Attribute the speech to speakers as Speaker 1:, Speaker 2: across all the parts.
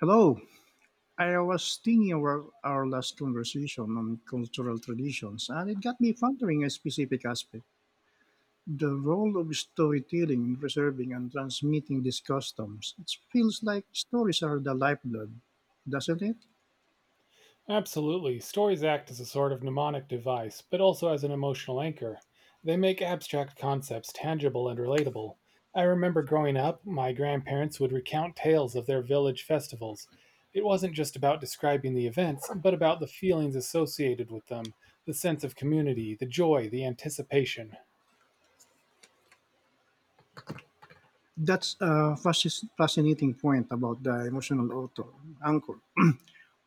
Speaker 1: Hello. I was thinking about our last conversation on cultural traditions, and it got me pondering a specific aspect, the role of storytelling in preserving and transmitting these customs. It feels like stories are the lifeblood, doesn't it?
Speaker 2: Absolutely. Stories act as a sort of mnemonic device, but also as an emotional anchor. They make abstract concepts tangible and relatable. I remember growing up, my grandparents would recount tales of their village festivals. It wasn't just about describing the events, but about the feelings associated with them, the sense of community, the joy, the anticipation.
Speaker 1: That's a fascinating point about the emotional author, anchor.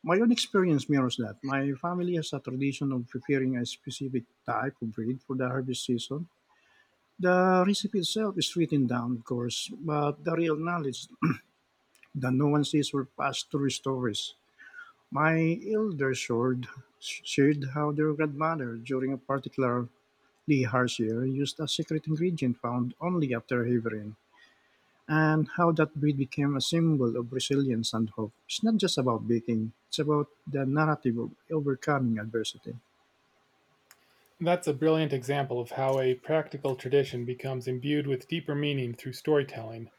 Speaker 1: My own experience mirrors that. My family has a tradition of preparing a specific type of breed for the harvest season. The recipe itself is written down, of course, but the real knowledge that no one sees were passed through stories. My elder shared how their grandmother, during a particularly harsh year, used a secret ingredient found only after heavy rain, and how that bread became a symbol of resilience and hope. It's not just about baking, it's about the narrative of overcoming adversity.
Speaker 2: That's a brilliant example of how a practical tradition becomes imbued with deeper meaning through storytelling.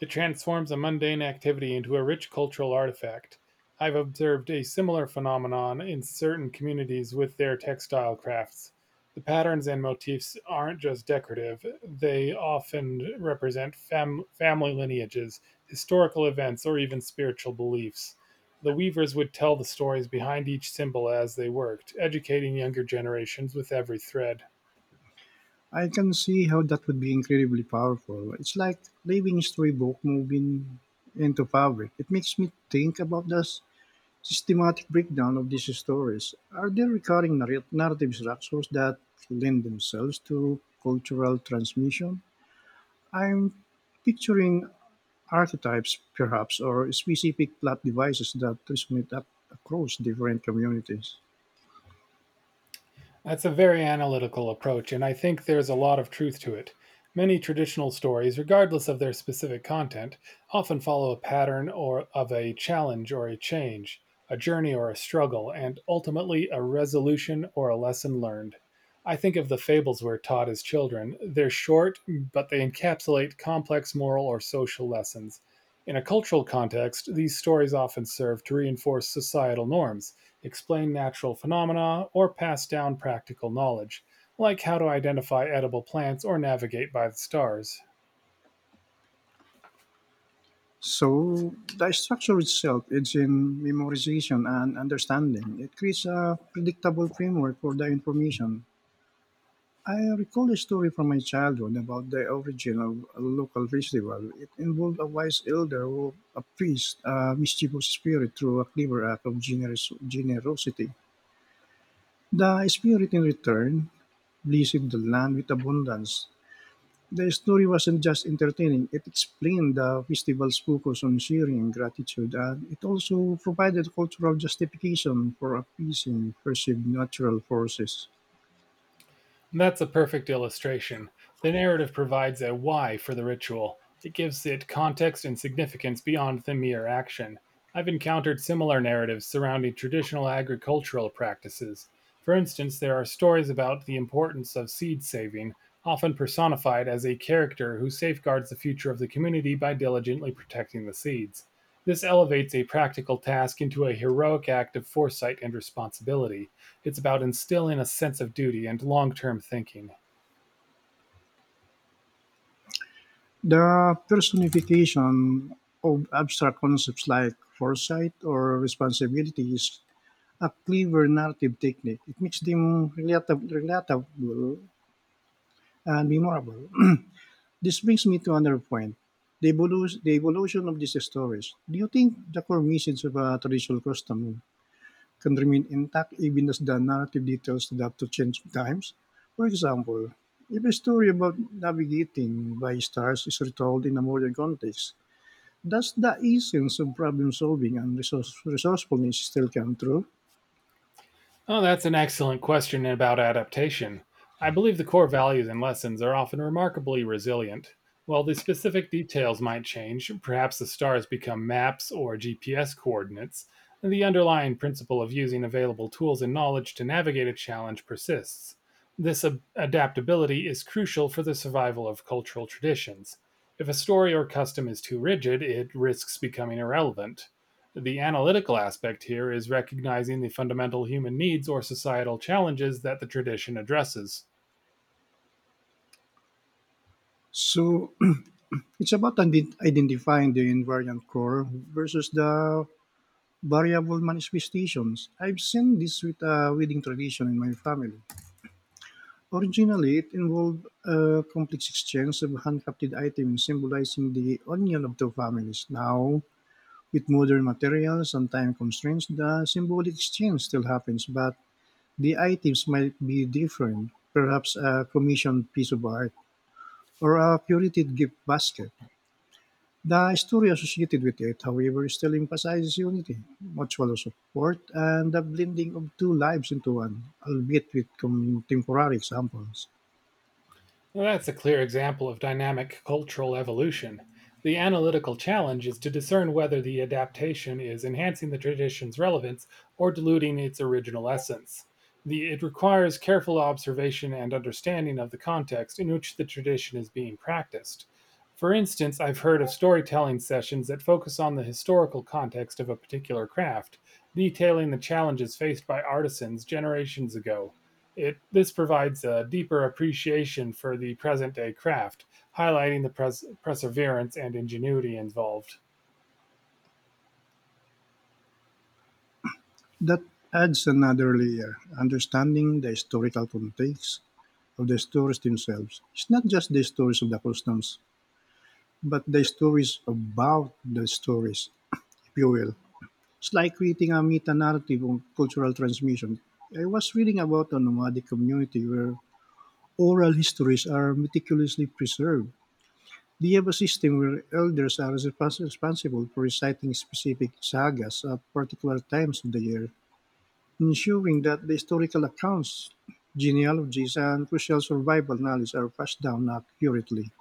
Speaker 2: It transforms a mundane activity into a rich cultural artifact. I've observed a similar phenomenon in certain communities with their textile crafts. The patterns and motifs aren't just decorative, they often represent family lineages, historical events, or even spiritual beliefs. The weavers would tell the stories behind each symbol as they worked, educating younger generations with every thread.
Speaker 1: I can see how that would be incredibly powerful. It's like living a storybook moving into fabric. It makes me think about the systematic breakdown of these stories. Are there recurring narrative structures that lend themselves to cultural transmission? I'm picturing archetypes, perhaps, or specific plot devices that resonate up across different communities.
Speaker 2: That's a very analytical approach, and I think there's a lot of truth to it. Many traditional stories, regardless of their specific content, often follow a pattern or of a challenge or a change, a journey or a struggle, and ultimately a resolution or a lesson learned. I think of the fables we're taught as children. They're short, but they encapsulate complex moral or social lessons. In a cultural context, these stories often serve to reinforce societal norms, explain natural phenomena, or pass down practical knowledge, like how to identify edible plants or navigate by the stars.
Speaker 1: So the structure itself is in memorization and understanding. It creates a predictable framework for the information. I recall a story from my childhood about the origin of a local festival. It involved a wise elder who appeased a mischievous spirit through a clever act of generosity. The spirit, in return, blessed the land with abundance. The story wasn't just entertaining, it explained the festival's focus on sharing and gratitude, and it also provided cultural justification for appeasing perceived natural forces.
Speaker 2: And that's a perfect illustration. The narrative provides a why for the ritual. It gives it context and significance beyond the mere action. I've encountered similar narratives surrounding traditional agricultural practices. For instance, there are stories about the importance of seed saving, often personified as a character who safeguards the future of the community by diligently protecting the seeds. This elevates a practical task into a heroic act of foresight and responsibility. It's about instilling a sense of duty and long term thinking.
Speaker 1: The personification of abstract concepts like foresight or responsibility is a clever narrative technique. It makes them relatable and memorable. This brings me to another point, the evolution of these stories. Do you think the core message of a traditional custom can remain intact even as the narrative details adapt to change times? For example, if a story about navigating by stars is retold in a modern context, does the essence of problem solving and resourcefulness still come through?
Speaker 2: Oh, that's an excellent question about adaptation. I believe the core values and lessons are often remarkably resilient. While the specific details might change, perhaps the stars become maps or GPS coordinates, and the underlying principle of using available tools and knowledge to navigate a challenge persists. This adaptability is crucial for the survival of cultural traditions. If a story or custom is too rigid, it risks becoming irrelevant. The analytical aspect here is recognizing the fundamental human needs or societal challenges that the tradition addresses.
Speaker 1: So it's about identifying the invariant core versus the variable manifestations. I've seen this with a wedding tradition in my family. Originally, it involved a complex exchange of handcrafted items symbolizing the union of two families. Now, with modern materials and time constraints, the symbolic exchange still happens, but the items might be different, perhaps a commissioned piece of art or a curated gift basket. The story associated with it, however, still emphasizes unity, mutual support, and the blending of two lives into one, albeit with contemporary examples.
Speaker 2: Well, that's a clear example of dynamic cultural evolution. The analytical challenge is to discern whether the adaptation is enhancing the tradition's relevance or diluting its original essence. It requires careful observation and understanding of the context in which the tradition is being practiced. For instance, I've heard of storytelling sessions that focus on the historical context of a particular craft, detailing the challenges faced by artisans generations ago. This provides a deeper appreciation for the present day craft, highlighting the perseverance and ingenuity involved.
Speaker 1: That adds another layer, understanding the historical context of the stories themselves. It's not just the stories of the customs, but the stories about the stories, if you will. It's like creating a meta narrative on cultural transmission. I was reading about a nomadic community where oral histories are meticulously preserved. Do you have a system where elders are responsible for reciting specific sagas at particular times of the year, ensuring that the historical accounts, genealogies, and crucial survival knowledge are passed down accurately?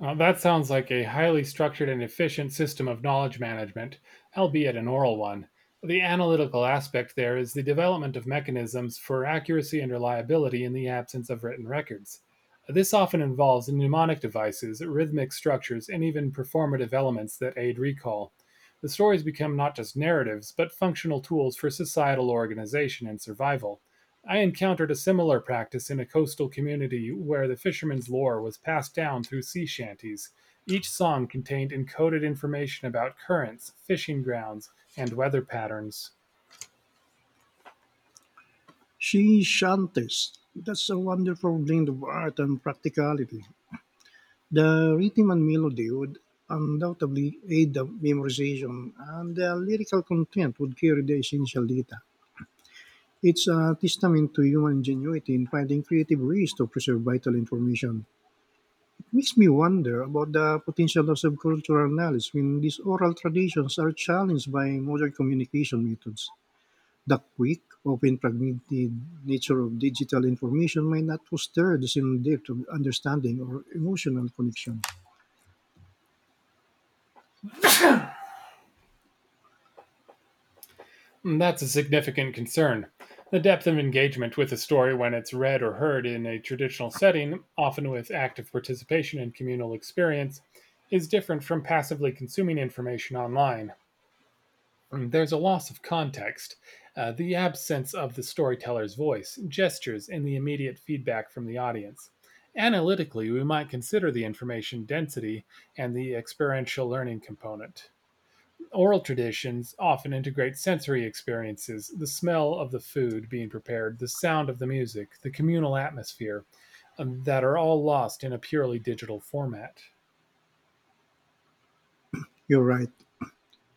Speaker 2: That sounds like a highly structured and efficient system of knowledge management, albeit an oral one. The analytical aspect there is the development of mechanisms for accuracy and reliability in the absence of written records. This often involves mnemonic devices, rhythmic structures, and even performative elements that aid recall. The stories become not just narratives, but functional tools for societal organization and survival. I encountered a similar practice in a coastal community where the fisherman's lore was passed down through sea shanties. Each song contained encoded information about currents, fishing grounds, and weather patterns.
Speaker 1: She shanties. That's a wonderful blend of art and practicality. The rhythm and melody would undoubtedly aid the memorization, and the lyrical content would carry the essential data. It's a testament to human ingenuity in finding creative ways to preserve vital information. It makes me wonder about the potential of subcultural knowledge when these oral traditions are challenged by modern communication methods. The quick, often fragmented nature of digital information may not foster the same depth of understanding or emotional connection.
Speaker 2: Hmm, that's a significant concern. The depth of engagement with a story when it's read or heard in a traditional setting, often with active participation in communal experience, is different from passively consuming information online. There's a loss of context, the absence of the storyteller's voice, gestures, and the immediate feedback from the audience. Analytically, we might consider the information density and the experiential learning component. Oral traditions often integrate sensory experiences, the smell of the food being prepared, the sound of the music, the communal atmosphere, that are all lost in a purely digital format.
Speaker 1: You're right.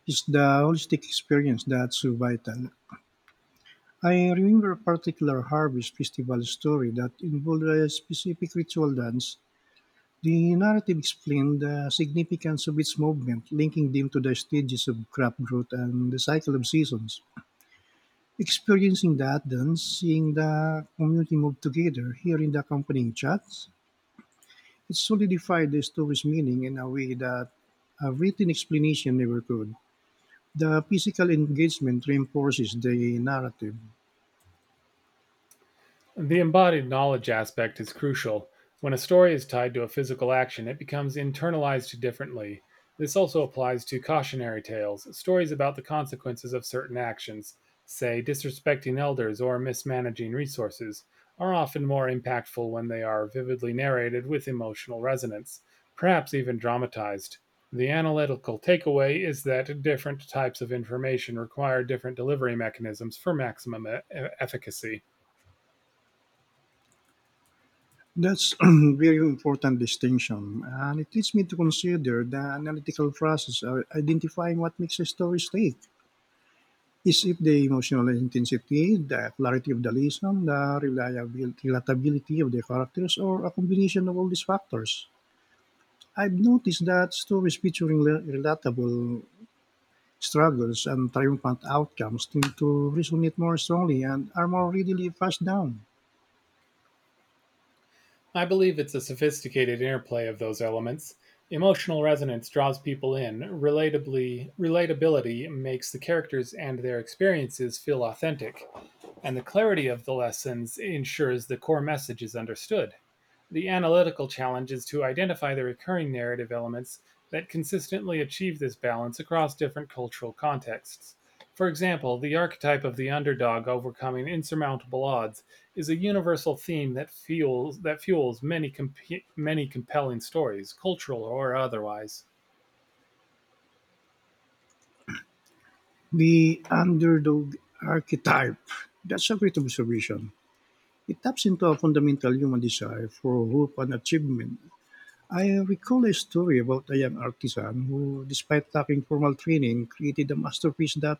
Speaker 1: It's the holistic experience that's so vital. I remember a particular harvest festival story that involved a specific ritual dance. The narrative explained the significance of its movement, linking them to the stages of crop growth and the cycle of seasons. Experiencing the Athens, seeing the community move together, hearing the accompanying chants, it solidified the story's meaning in a way that a written explanation never could. The physical engagement reinforces the narrative.
Speaker 2: The embodied knowledge aspect is crucial. When a story is tied to a physical action, it becomes internalized differently. This also applies to cautionary tales. Stories about the consequences of certain actions, say disrespecting elders or mismanaging resources, are often more impactful when they are vividly narrated with emotional resonance, perhaps even dramatized. The analytical takeaway is that different types of information require different delivery mechanisms for maximum efficacy.
Speaker 1: That's a very important distinction, and it leads me to consider the analytical process of identifying what makes a story stick. Is it the emotional intensity, the clarity of the lesson, the reliabil relatability of the characters, or a combination of all these factors? I've noticed that stories featuring relatable struggles and triumphant outcomes tend to resonate more strongly and are more readily passed down.
Speaker 2: I believe it's a sophisticated interplay of those elements. Emotional resonance draws people in, relatably relatability makes the characters and their experiences feel authentic, and the clarity of the lessons ensures the core message is understood. The analytical challenge is to identify the recurring narrative elements that consistently achieve this balance across different cultural contexts. For example, the archetype of the underdog overcoming insurmountable odds is a universal theme that fuels many many compelling stories, cultural or otherwise.
Speaker 1: The underdog archetype. That's a great observation. It taps into a fundamental human desire for hope and achievement. I recall a story about a young artisan who, despite lacking formal training, created a masterpiece that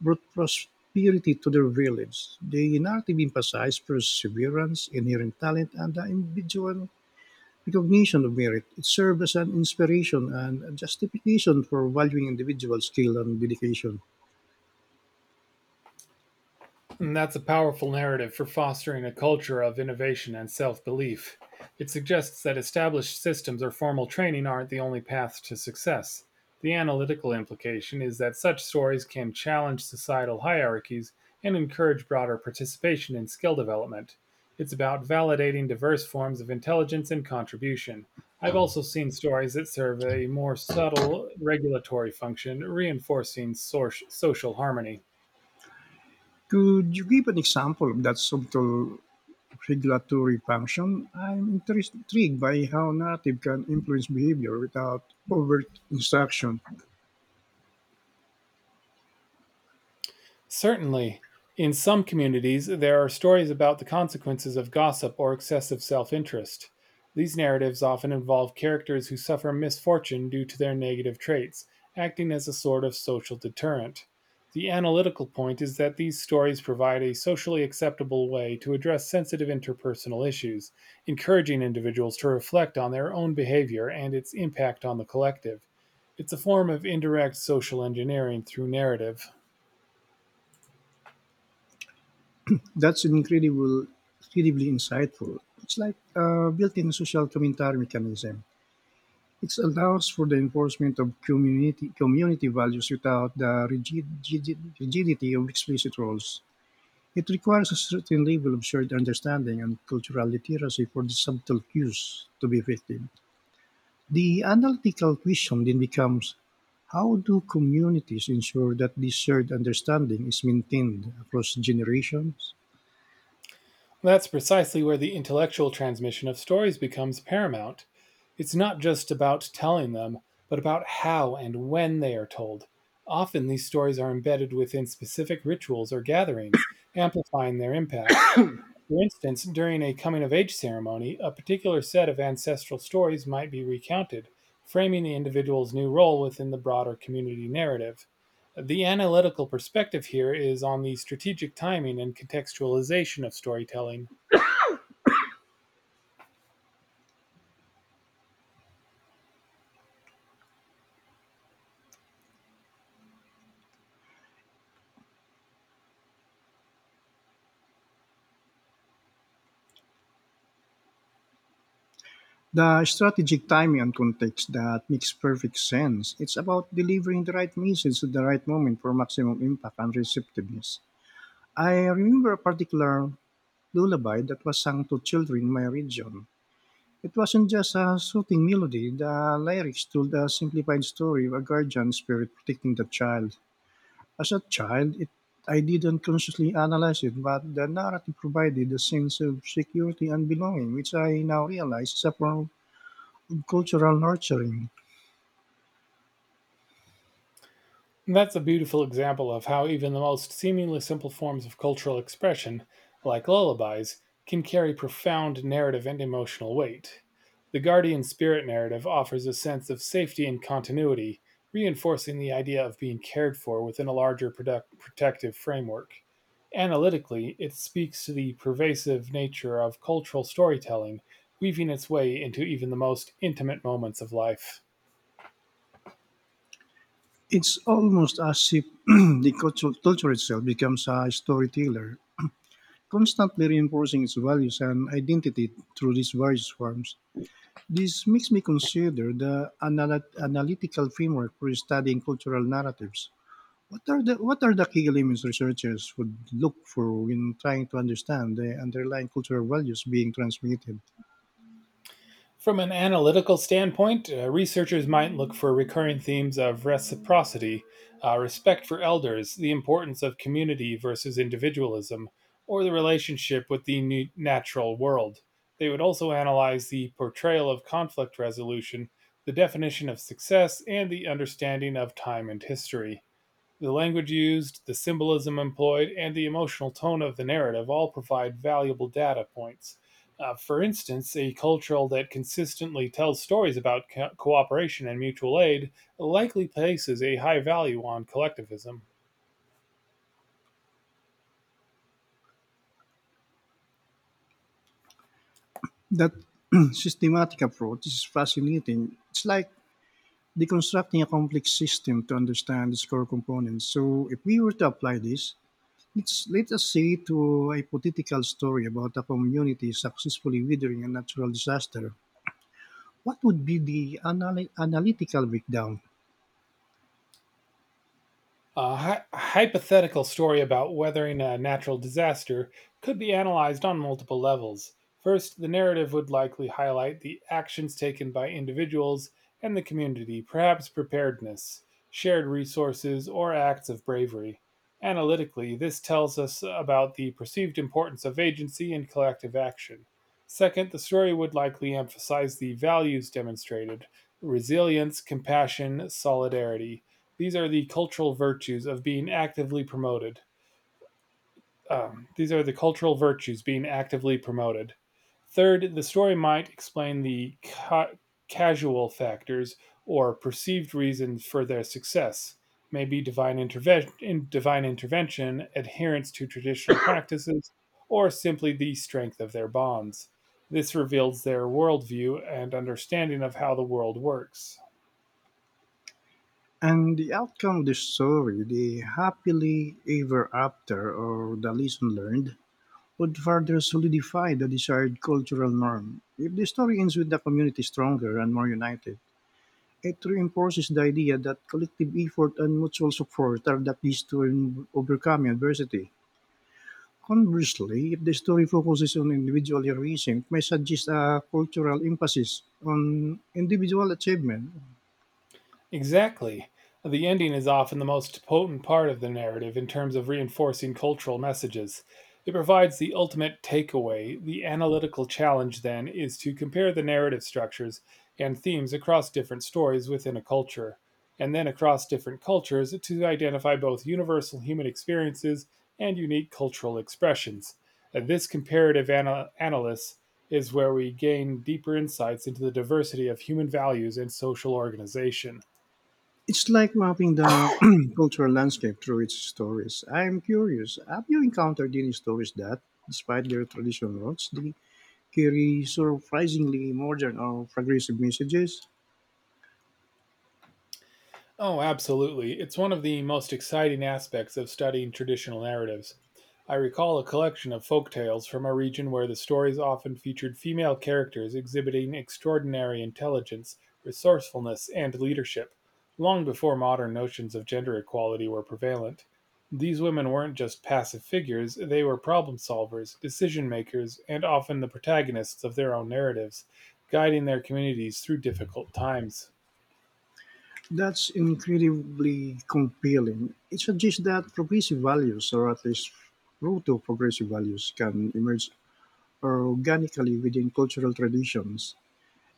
Speaker 1: brought prosperity to their village. The narrative emphasized perseverance, inherent talent, and the individual recognition of merit. It served as an inspiration and a justification for valuing individual skill and dedication.
Speaker 2: And that's a powerful narrative for fostering a culture of innovation and self-belief. It suggests that established systems or formal training aren't the only path to success. The analytical implication is that such stories can challenge societal hierarchies and encourage broader participation in skill development. It's about validating diverse forms of intelligence and contribution. I've also seen stories that serve a more subtle regulatory function, reinforcing social harmony.
Speaker 1: Could you give an example of that subtle regulatory function? I'm intrigued by how narrative can influence behavior without overt instruction.
Speaker 2: Certainly, in some communities there are stories about the consequences of gossip or excessive self-interest. These narratives often involve characters who suffer misfortune due to their negative traits, acting as a sort of social deterrent. The analytical point is that these stories provide a socially acceptable way to address sensitive interpersonal issues, encouraging individuals to reflect on their own behavior and its impact on the collective. It's a form of indirect social engineering through narrative.
Speaker 1: That's incredible, Incredibly insightful. It's like a built-in social commentary mechanism. It allows for the enforcement of community values without the rigidity of explicit roles. It requires a certain level of shared understanding and cultural literacy for the subtle cues to be effective. The analytical question then becomes, how do communities ensure that this shared understanding is maintained across generations?
Speaker 2: That's precisely where the intellectual transmission of stories becomes paramount. It's not just about telling them, but about how and when they are told. Often these stories are embedded within specific rituals or gatherings, amplifying their impact. For instance, during a coming of age ceremony, a particular set of ancestral stories might be recounted, framing the individual's new role within the broader community narrative. The analytical perspective here is on the strategic timing and contextualization of storytelling.
Speaker 1: The strategic timing and context, that makes perfect sense. It's about delivering the right message at the right moment for maximum impact and receptiveness. I remember a particular lullaby that was sung to children in my region. It wasn't just a soothing melody, the lyrics told a simplified story of a guardian spirit protecting the child. As a child, I didn't consciously analyze it, but the narrative provided a sense of security and belonging, which I now realize is a form of cultural nurturing.
Speaker 2: And that's a beautiful example of how even the most seemingly simple forms of cultural expression, like lullabies, can carry profound narrative and emotional weight. The guardian spirit narrative offers a sense of safety and continuity, reinforcing the idea of being cared for within a larger protective framework. Analytically, it speaks to the pervasive nature of cultural storytelling, weaving its way into even the most intimate moments of life.
Speaker 1: It's almost as if the culture itself becomes a storyteller, constantly reinforcing its values and identity through these various forms. This makes me consider the analytical framework for studying cultural narratives. What are the key elements researchers would look for when trying to understand the underlying cultural values being transmitted?
Speaker 2: From an analytical standpoint, researchers might look for recurring themes of reciprocity, respect for elders, the importance of community versus individualism, or the relationship with the natural world. They would also analyze the portrayal of conflict resolution, the definition of success, and the understanding of time and history. The language used, the symbolism employed, and the emotional tone of the narrative all provide valuable data points. For instance, a culture that consistently tells stories about cooperation and mutual aid likely places a high value on collectivism.
Speaker 1: That systematic approach is fascinating. It's like deconstructing a complex system to understand its core components. So if we were to apply this, let us say to a hypothetical story about a community successfully weathering a natural disaster, what would be the analytical breakdown?
Speaker 2: A hypothetical story about weathering a natural disaster could be analyzed on multiple levels. First, the narrative would likely highlight the actions taken by individuals and the community, perhaps preparedness, shared resources, or acts of bravery. Analytically, this tells us about the perceived importance of agency and collective action. Second, the story would likely emphasize the values demonstrated, resilience, compassion, solidarity, these are the cultural virtues of being actively promoted. These are the cultural virtues being actively promoted. Third, the story might explain the casual factors or perceived reasons for their success, maybe divine intervention, adherence to traditional practices, or simply the strength of their bonds. This reveals their worldview and understanding of how the world works.
Speaker 1: And the outcome of the story, the happily ever after or the lesson learned, would further solidify the desired cultural norm. If the story ends with the community stronger and more united, it reinforces the idea that collective effort and mutual support are the keys to overcoming adversity. Conversely, if the story focuses on individual heroism, it may suggest a cultural emphasis on individual achievement.
Speaker 2: Exactly. The ending is often the most potent part of the narrative in terms of reinforcing cultural messages. It provides the ultimate takeaway. The analytical challenge, then, is to compare the narrative structures and themes across different stories within a culture, and then across different cultures to identify both universal human experiences and unique cultural expressions. This comparative analysis is where we gain deeper insights into the diversity of human values and social organization.
Speaker 1: It's like mapping the cultural landscape through its stories. I'm curious, have you encountered any stories that, despite their traditional roots, they carry surprisingly modern or progressive messages?
Speaker 2: Oh, absolutely. It's one of the most exciting aspects of studying traditional narratives. I recall a collection of folk tales from a region where the stories often featured female characters exhibiting extraordinary intelligence, resourcefulness, and leadership, long before modern notions of gender equality were prevalent. These women weren't just passive figures, they were problem solvers, decision makers, and often the protagonists of their own narratives, guiding their communities through difficult times.
Speaker 1: That's incredibly compelling. It suggests that progressive values, or at least proto progressive values, can emerge organically within cultural traditions,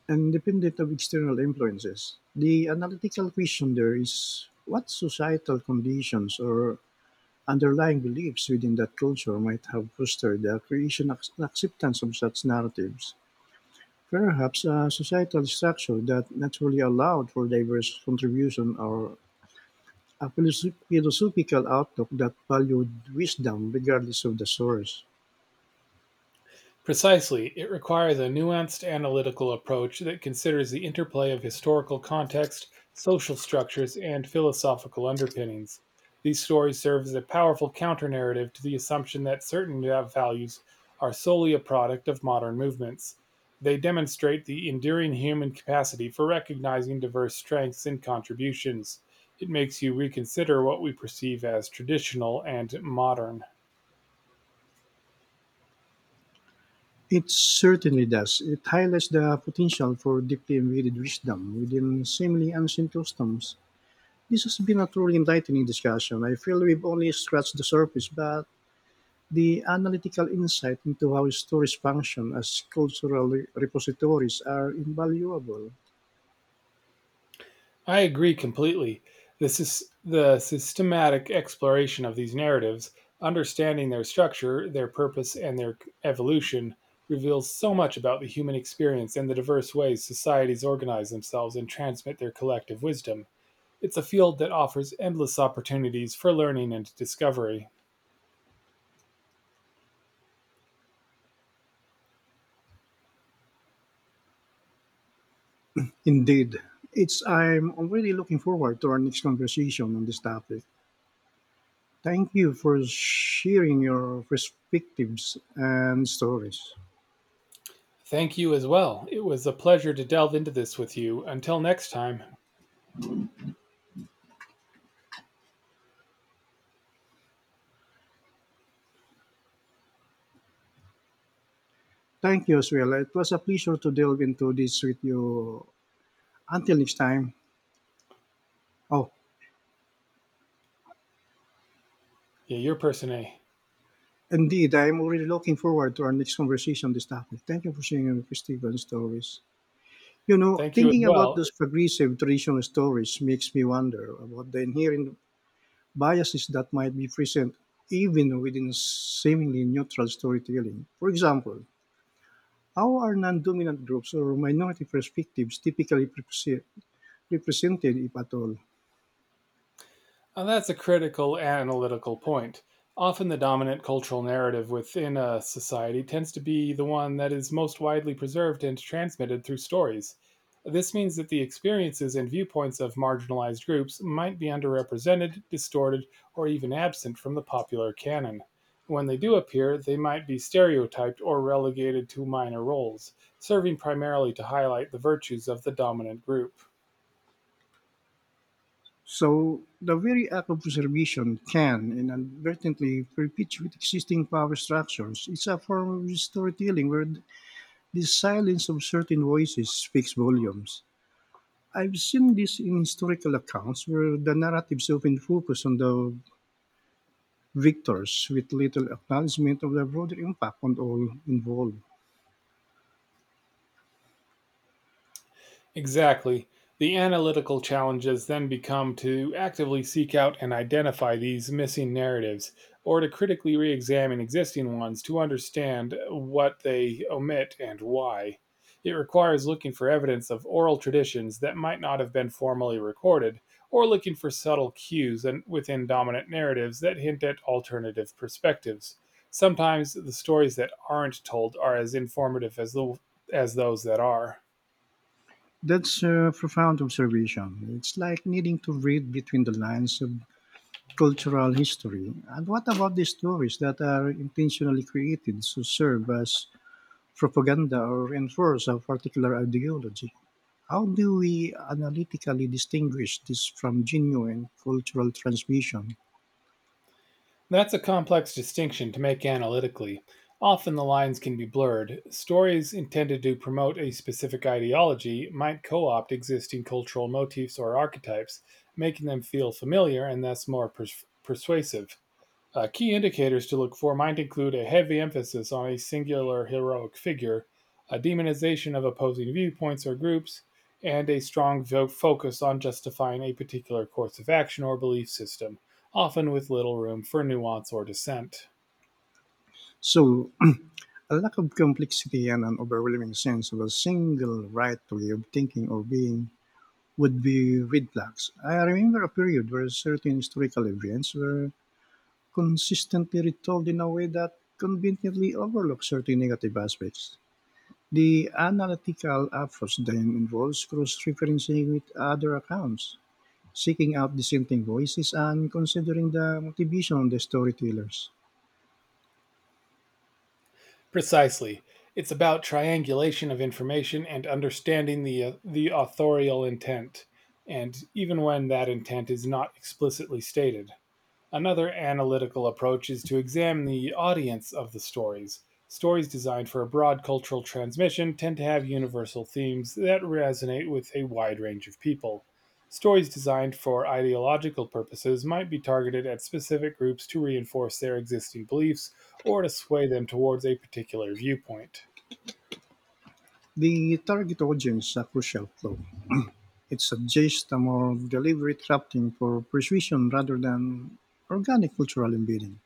Speaker 1: independent of external influences. The analytical question there is what societal conditions or underlying beliefs within that culture might have fostered the creation and acceptance of such narratives. Perhaps a societal structure that naturally allowed for diverse contribution or a philosophical outlook that valued wisdom regardless of the source.
Speaker 2: Precisely, it requires a nuanced analytical approach that considers the interplay of historical context, social structures, and philosophical underpinnings. These stories serve as a powerful counter-narrative to the assumption that certain values are solely a product of modern movements. They demonstrate the enduring human capacity for recognizing diverse strengths and contributions. It makes you reconsider what we perceive as traditional and modern.
Speaker 1: It certainly does. It highlights the potential for deeply embedded wisdom within seemingly ancient customs. This has been a truly enlightening discussion. I feel we've only scratched the surface, but the analytical insight into how stories function as cultural repositories are invaluable.
Speaker 2: I agree completely. This is the systematic exploration of these narratives, understanding their structure, their purpose, and their evolution reveals so much about the human experience and the diverse ways societies organize themselves and transmit their collective wisdom. It's a field that offers endless opportunities for learning and discovery.
Speaker 1: Indeed, it's I'm already looking forward to our next conversation on this topic. Thank you for sharing your perspectives and stories.
Speaker 2: Thank you as well. It was a pleasure to delve into this with you. Until next time,
Speaker 1: Thank you as well. It was a pleasure to delve into this with you. Until next time. Oh,
Speaker 2: yeah, your person A.
Speaker 1: indeed, I'm already looking forward to our next conversation on this topic. Thank you for sharing your perspective and stories. You know,
Speaker 2: Thank you as
Speaker 1: thinking about
Speaker 2: well.
Speaker 1: those progressive traditional stories makes me wonder about the inherent biases that might be present even within seemingly neutral storytelling. For example, how are non-dominant groups or minority perspectives typically represented, if at all?
Speaker 2: That's a critical analytical point. Often, the dominant cultural narrative within a society tends to be the one that is most widely preserved and transmitted through stories. This means that the experiences and viewpoints of marginalized groups might be underrepresented, distorted, or even absent from the popular canon. When they do appear, they might be stereotyped or relegated to minor roles, serving primarily to highlight the virtues of the dominant group.
Speaker 1: So, the very act of observation can inadvertently perpetuate existing power structures. It's a form of storytelling where the silence of certain voices speaks volumes. I've seen this in historical accounts where the narratives often focus on the victors with little acknowledgement of the broader impact on all involved.
Speaker 2: Exactly. The analytical challenges then become to actively seek out and identify these missing narratives, or to critically re examine existing ones to understand what they omit and why. It requires looking for evidence of oral traditions that might not have been formally recorded, or looking for subtle within dominant narratives that hint at alternative perspectives. Sometimes the stories that aren't told are as informative as as those that are.
Speaker 1: That's a profound observation. It's like needing to read between the lines of cultural history. And what about the stories that are intentionally created to serve as propaganda or enforce a particular ideology? How do we analytically distinguish this from genuine cultural transmission?
Speaker 2: That's a complex distinction to make analytically. Often the lines can be blurred. Stories intended to promote a specific ideology might co opt existing cultural motifs or archetypes, making them feel familiar and thus more persuasive. Key indicators to look for might include a heavy emphasis on a singular heroic figure, a demonization of opposing viewpoints or groups, and a strong focus on justifying a particular course of action or belief system, often with little room for nuance or dissent.
Speaker 1: So, a lack of complexity and an overwhelming sense of a single right way of thinking or being would be red flags. I remember a period where certain historical events were consistently retold in a way that conveniently overlooked certain negative aspects. The analytical approach then involves cross referencing with other accounts, seeking out dissenting voices, and considering the motivation of the storytellers.
Speaker 2: Precisely. It's about triangulation of information and understanding the authorial intent, and even when that intent is not explicitly stated. Another analytical approach is to examine the audience of the stories. Stories designed for a broad cultural transmission tend to have universal themes that resonate with a wide range of people. Stories designed for ideological purposes might be targeted at specific groups to reinforce their existing beliefs or to sway them towards a particular viewpoint.
Speaker 1: The target audience is a crucial flaw. It suggests a more deliberate crafting for persuasion rather than organic cultural embedding.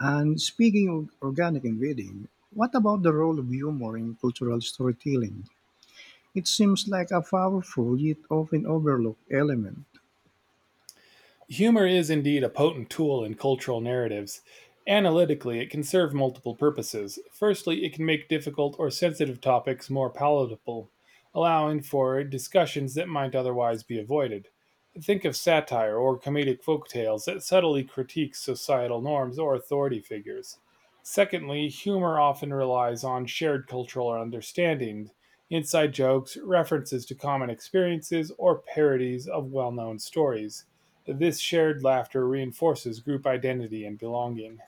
Speaker 1: And speaking of organic ingredient, what about the role of humor in cultural storytelling? It seems like a powerful yet often overlooked element.
Speaker 2: Humor is indeed a potent tool in cultural narratives. Analytically, it can serve multiple purposes. Firstly, it can make difficult or sensitive topics more palatable, allowing for discussions that might otherwise be avoided. Think of satire or comedic folk tales that subtly critique societal norms or authority figures. Secondly, humor often relies on shared cultural understanding, inside jokes, references to common experiences, or parodies of well known stories. This shared laughter reinforces group identity and belonging.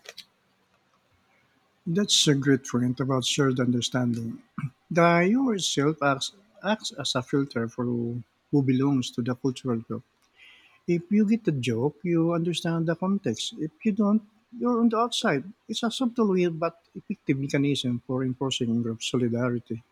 Speaker 1: That's a great point about shared understanding. The humor itself acts as a filter for who belongs to the cultural group. If you get the joke, you understand the context. If you don't, you're on the outside. It's a subtle way but effective mechanism for enforcing group solidarity.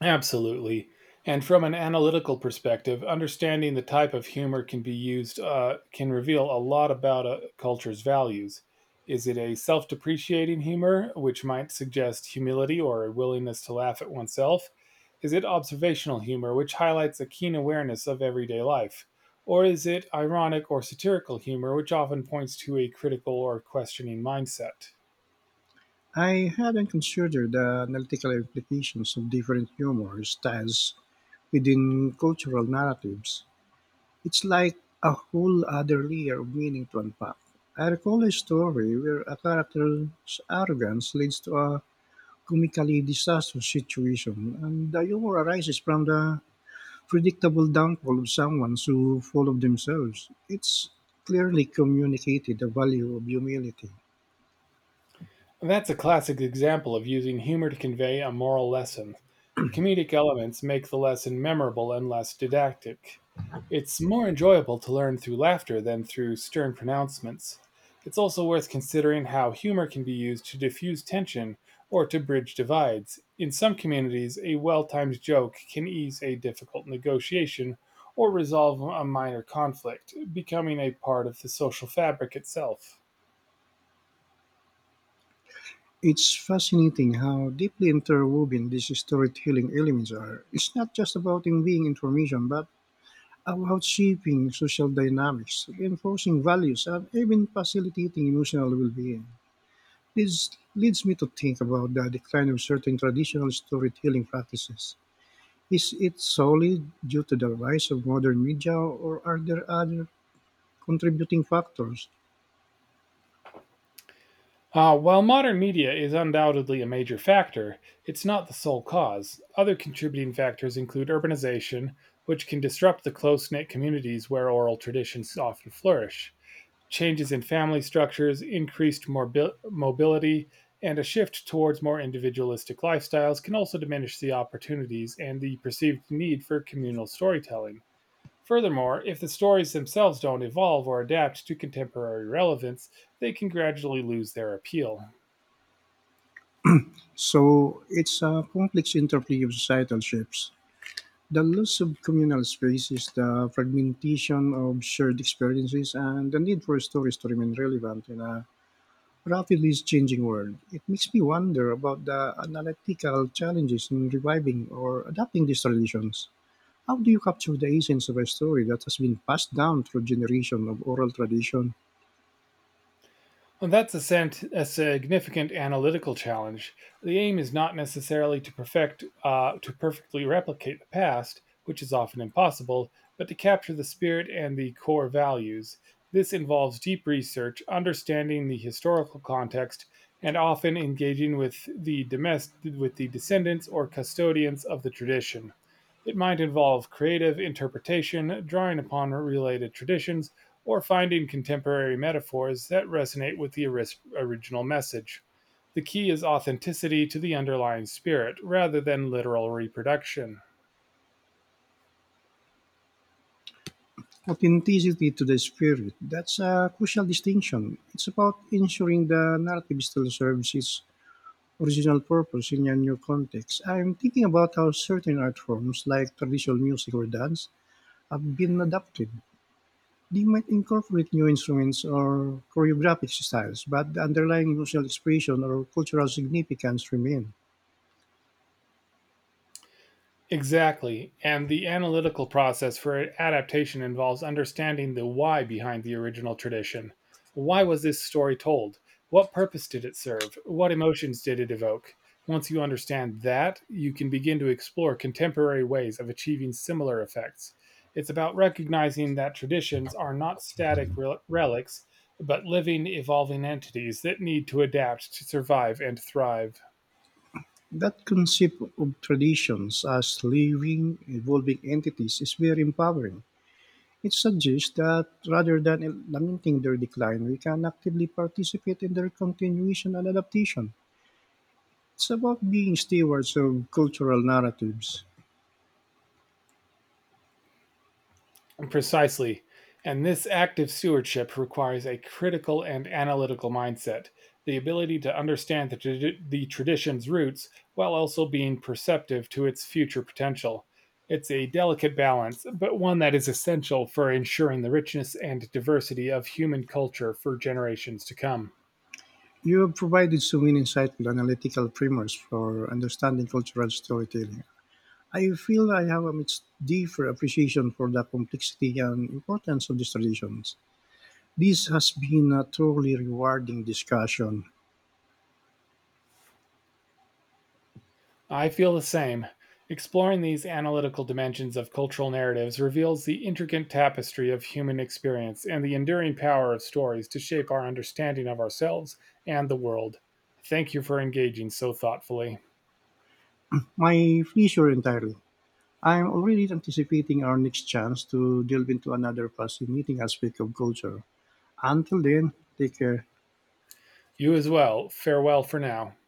Speaker 2: Absolutely. And from an analytical perspective, understanding the type of humor can be used can reveal a lot about a culture's values. Is it a self depreciating humor, which might suggest humility or a willingness to laugh at oneself? Is it observational humor, which highlights a keen awareness of everyday life? Or is it ironic or satirical humor, which often points to a critical or questioning mindset?
Speaker 1: I hadn't considered the analytical implications of different humor styles within cultural narratives. It's like a whole other layer of meaning to unpack. I recall a story where a character's arrogance leads to a comically disastrous situation, and the humor arises from the predictable downfall of someone so full of themselves. It's clearly communicated the value of humility.
Speaker 2: That's a classic example of using humor to convey a moral lesson. The comedic elements make the lesson memorable and less didactic. It's more enjoyable to learn through laughter than through stern pronouncements. It's also worth considering how humor can be used to diffuse tension or to bridge divides. In some communities, a well timed joke can ease a difficult negotiation or resolve a minor conflict, becoming a part of the social fabric itself.
Speaker 1: It's fascinating how deeply interwoven these storytelling elements are. It's not just about conveying information, but about shaping social dynamics, reinforcing values, and even facilitating emotional well-being. This leads me to think about the decline of certain traditional storytelling practices. Is it solely due to the rise of modern media, or are there other contributing factors?
Speaker 2: While modern media is undoubtedly a major factor, it's not the sole cause. Other contributing factors include urbanization, which can disrupt the close knit communities where oral traditions often flourish, changes in family structures, increased mobility, and a shift towards more individualistic lifestyles can also diminish the opportunities and the perceived need for communal storytelling. Furthermore, if the stories themselves don't evolve or adapt to contemporary relevance, they can gradually lose their appeal.
Speaker 1: So it's a complex interplay of societal shifts. The loss of communal spaces, the fragmentation of shared experiences, and the need for stories to remain relevant in a rapidly changing world. It makes me wonder about the analytical challenges in reviving or adapting these traditions. How do you capture the essence of a story that has been passed down through generations of oral tradition?
Speaker 2: Well, that's a significant analytical challenge. The aim is not necessarily to perfectly replicate the past, which is often impossible, but to capture the spirit and the core values. This involves deep research, understanding the historical context, and often engaging with the descendants or custodians of the tradition. It might involve creative interpretation, drawing upon related traditions or finding contemporary metaphors that resonate with the original message. The key is authenticity to the underlying spirit rather than literal reproduction.
Speaker 1: Authenticity to the spirit. That's a crucial distinction. It's about ensuring the narrative still serves its original purpose in a new context. I'm thinking about how certain art forms, like traditional music or dance, have been adapted. They might incorporate new instruments or choreographic styles, but the underlying emotional expression or cultural significance remain.
Speaker 2: Exactly, and the analytical process for adaptation involves understanding the why behind the original tradition. Why was this story told? What purpose did it serve? What emotions did it evoke? Once you understand that, you can begin to explore contemporary ways of achieving similar effects. It's about recognizing that traditions are not static relics, but living, evolving entities that need to adapt to survive and thrive.
Speaker 1: That concept of traditions as living, evolving entities is very empowering. It suggests that rather than lamenting their decline, we can actively participate in their continuation and adaptation. It's about being stewards of cultural narratives.
Speaker 2: Precisely. And this active stewardship requires a critical and analytical mindset, the ability to understand the tradition's roots while also being perceptive to its future potential. It's a delicate balance, but one that is essential for ensuring the richness and diversity of human culture for generations to come.
Speaker 1: You have provided so many insightful analytical primers for understanding cultural storytelling. I feel I have a much deeper appreciation for the complexity and importance of these traditions. This has been a truly rewarding discussion.
Speaker 2: I feel the same. Exploring these analytical dimensions of cultural narratives reveals the intricate tapestry of human experience and the enduring power of stories to shape our understanding of ourselves and the world. Thank you for engaging so thoughtfully.
Speaker 1: My pleasure entirely. I'm already anticipating our next chance to delve into another fascinating aspect of culture. Until then, take care.
Speaker 2: You as well. Farewell for now.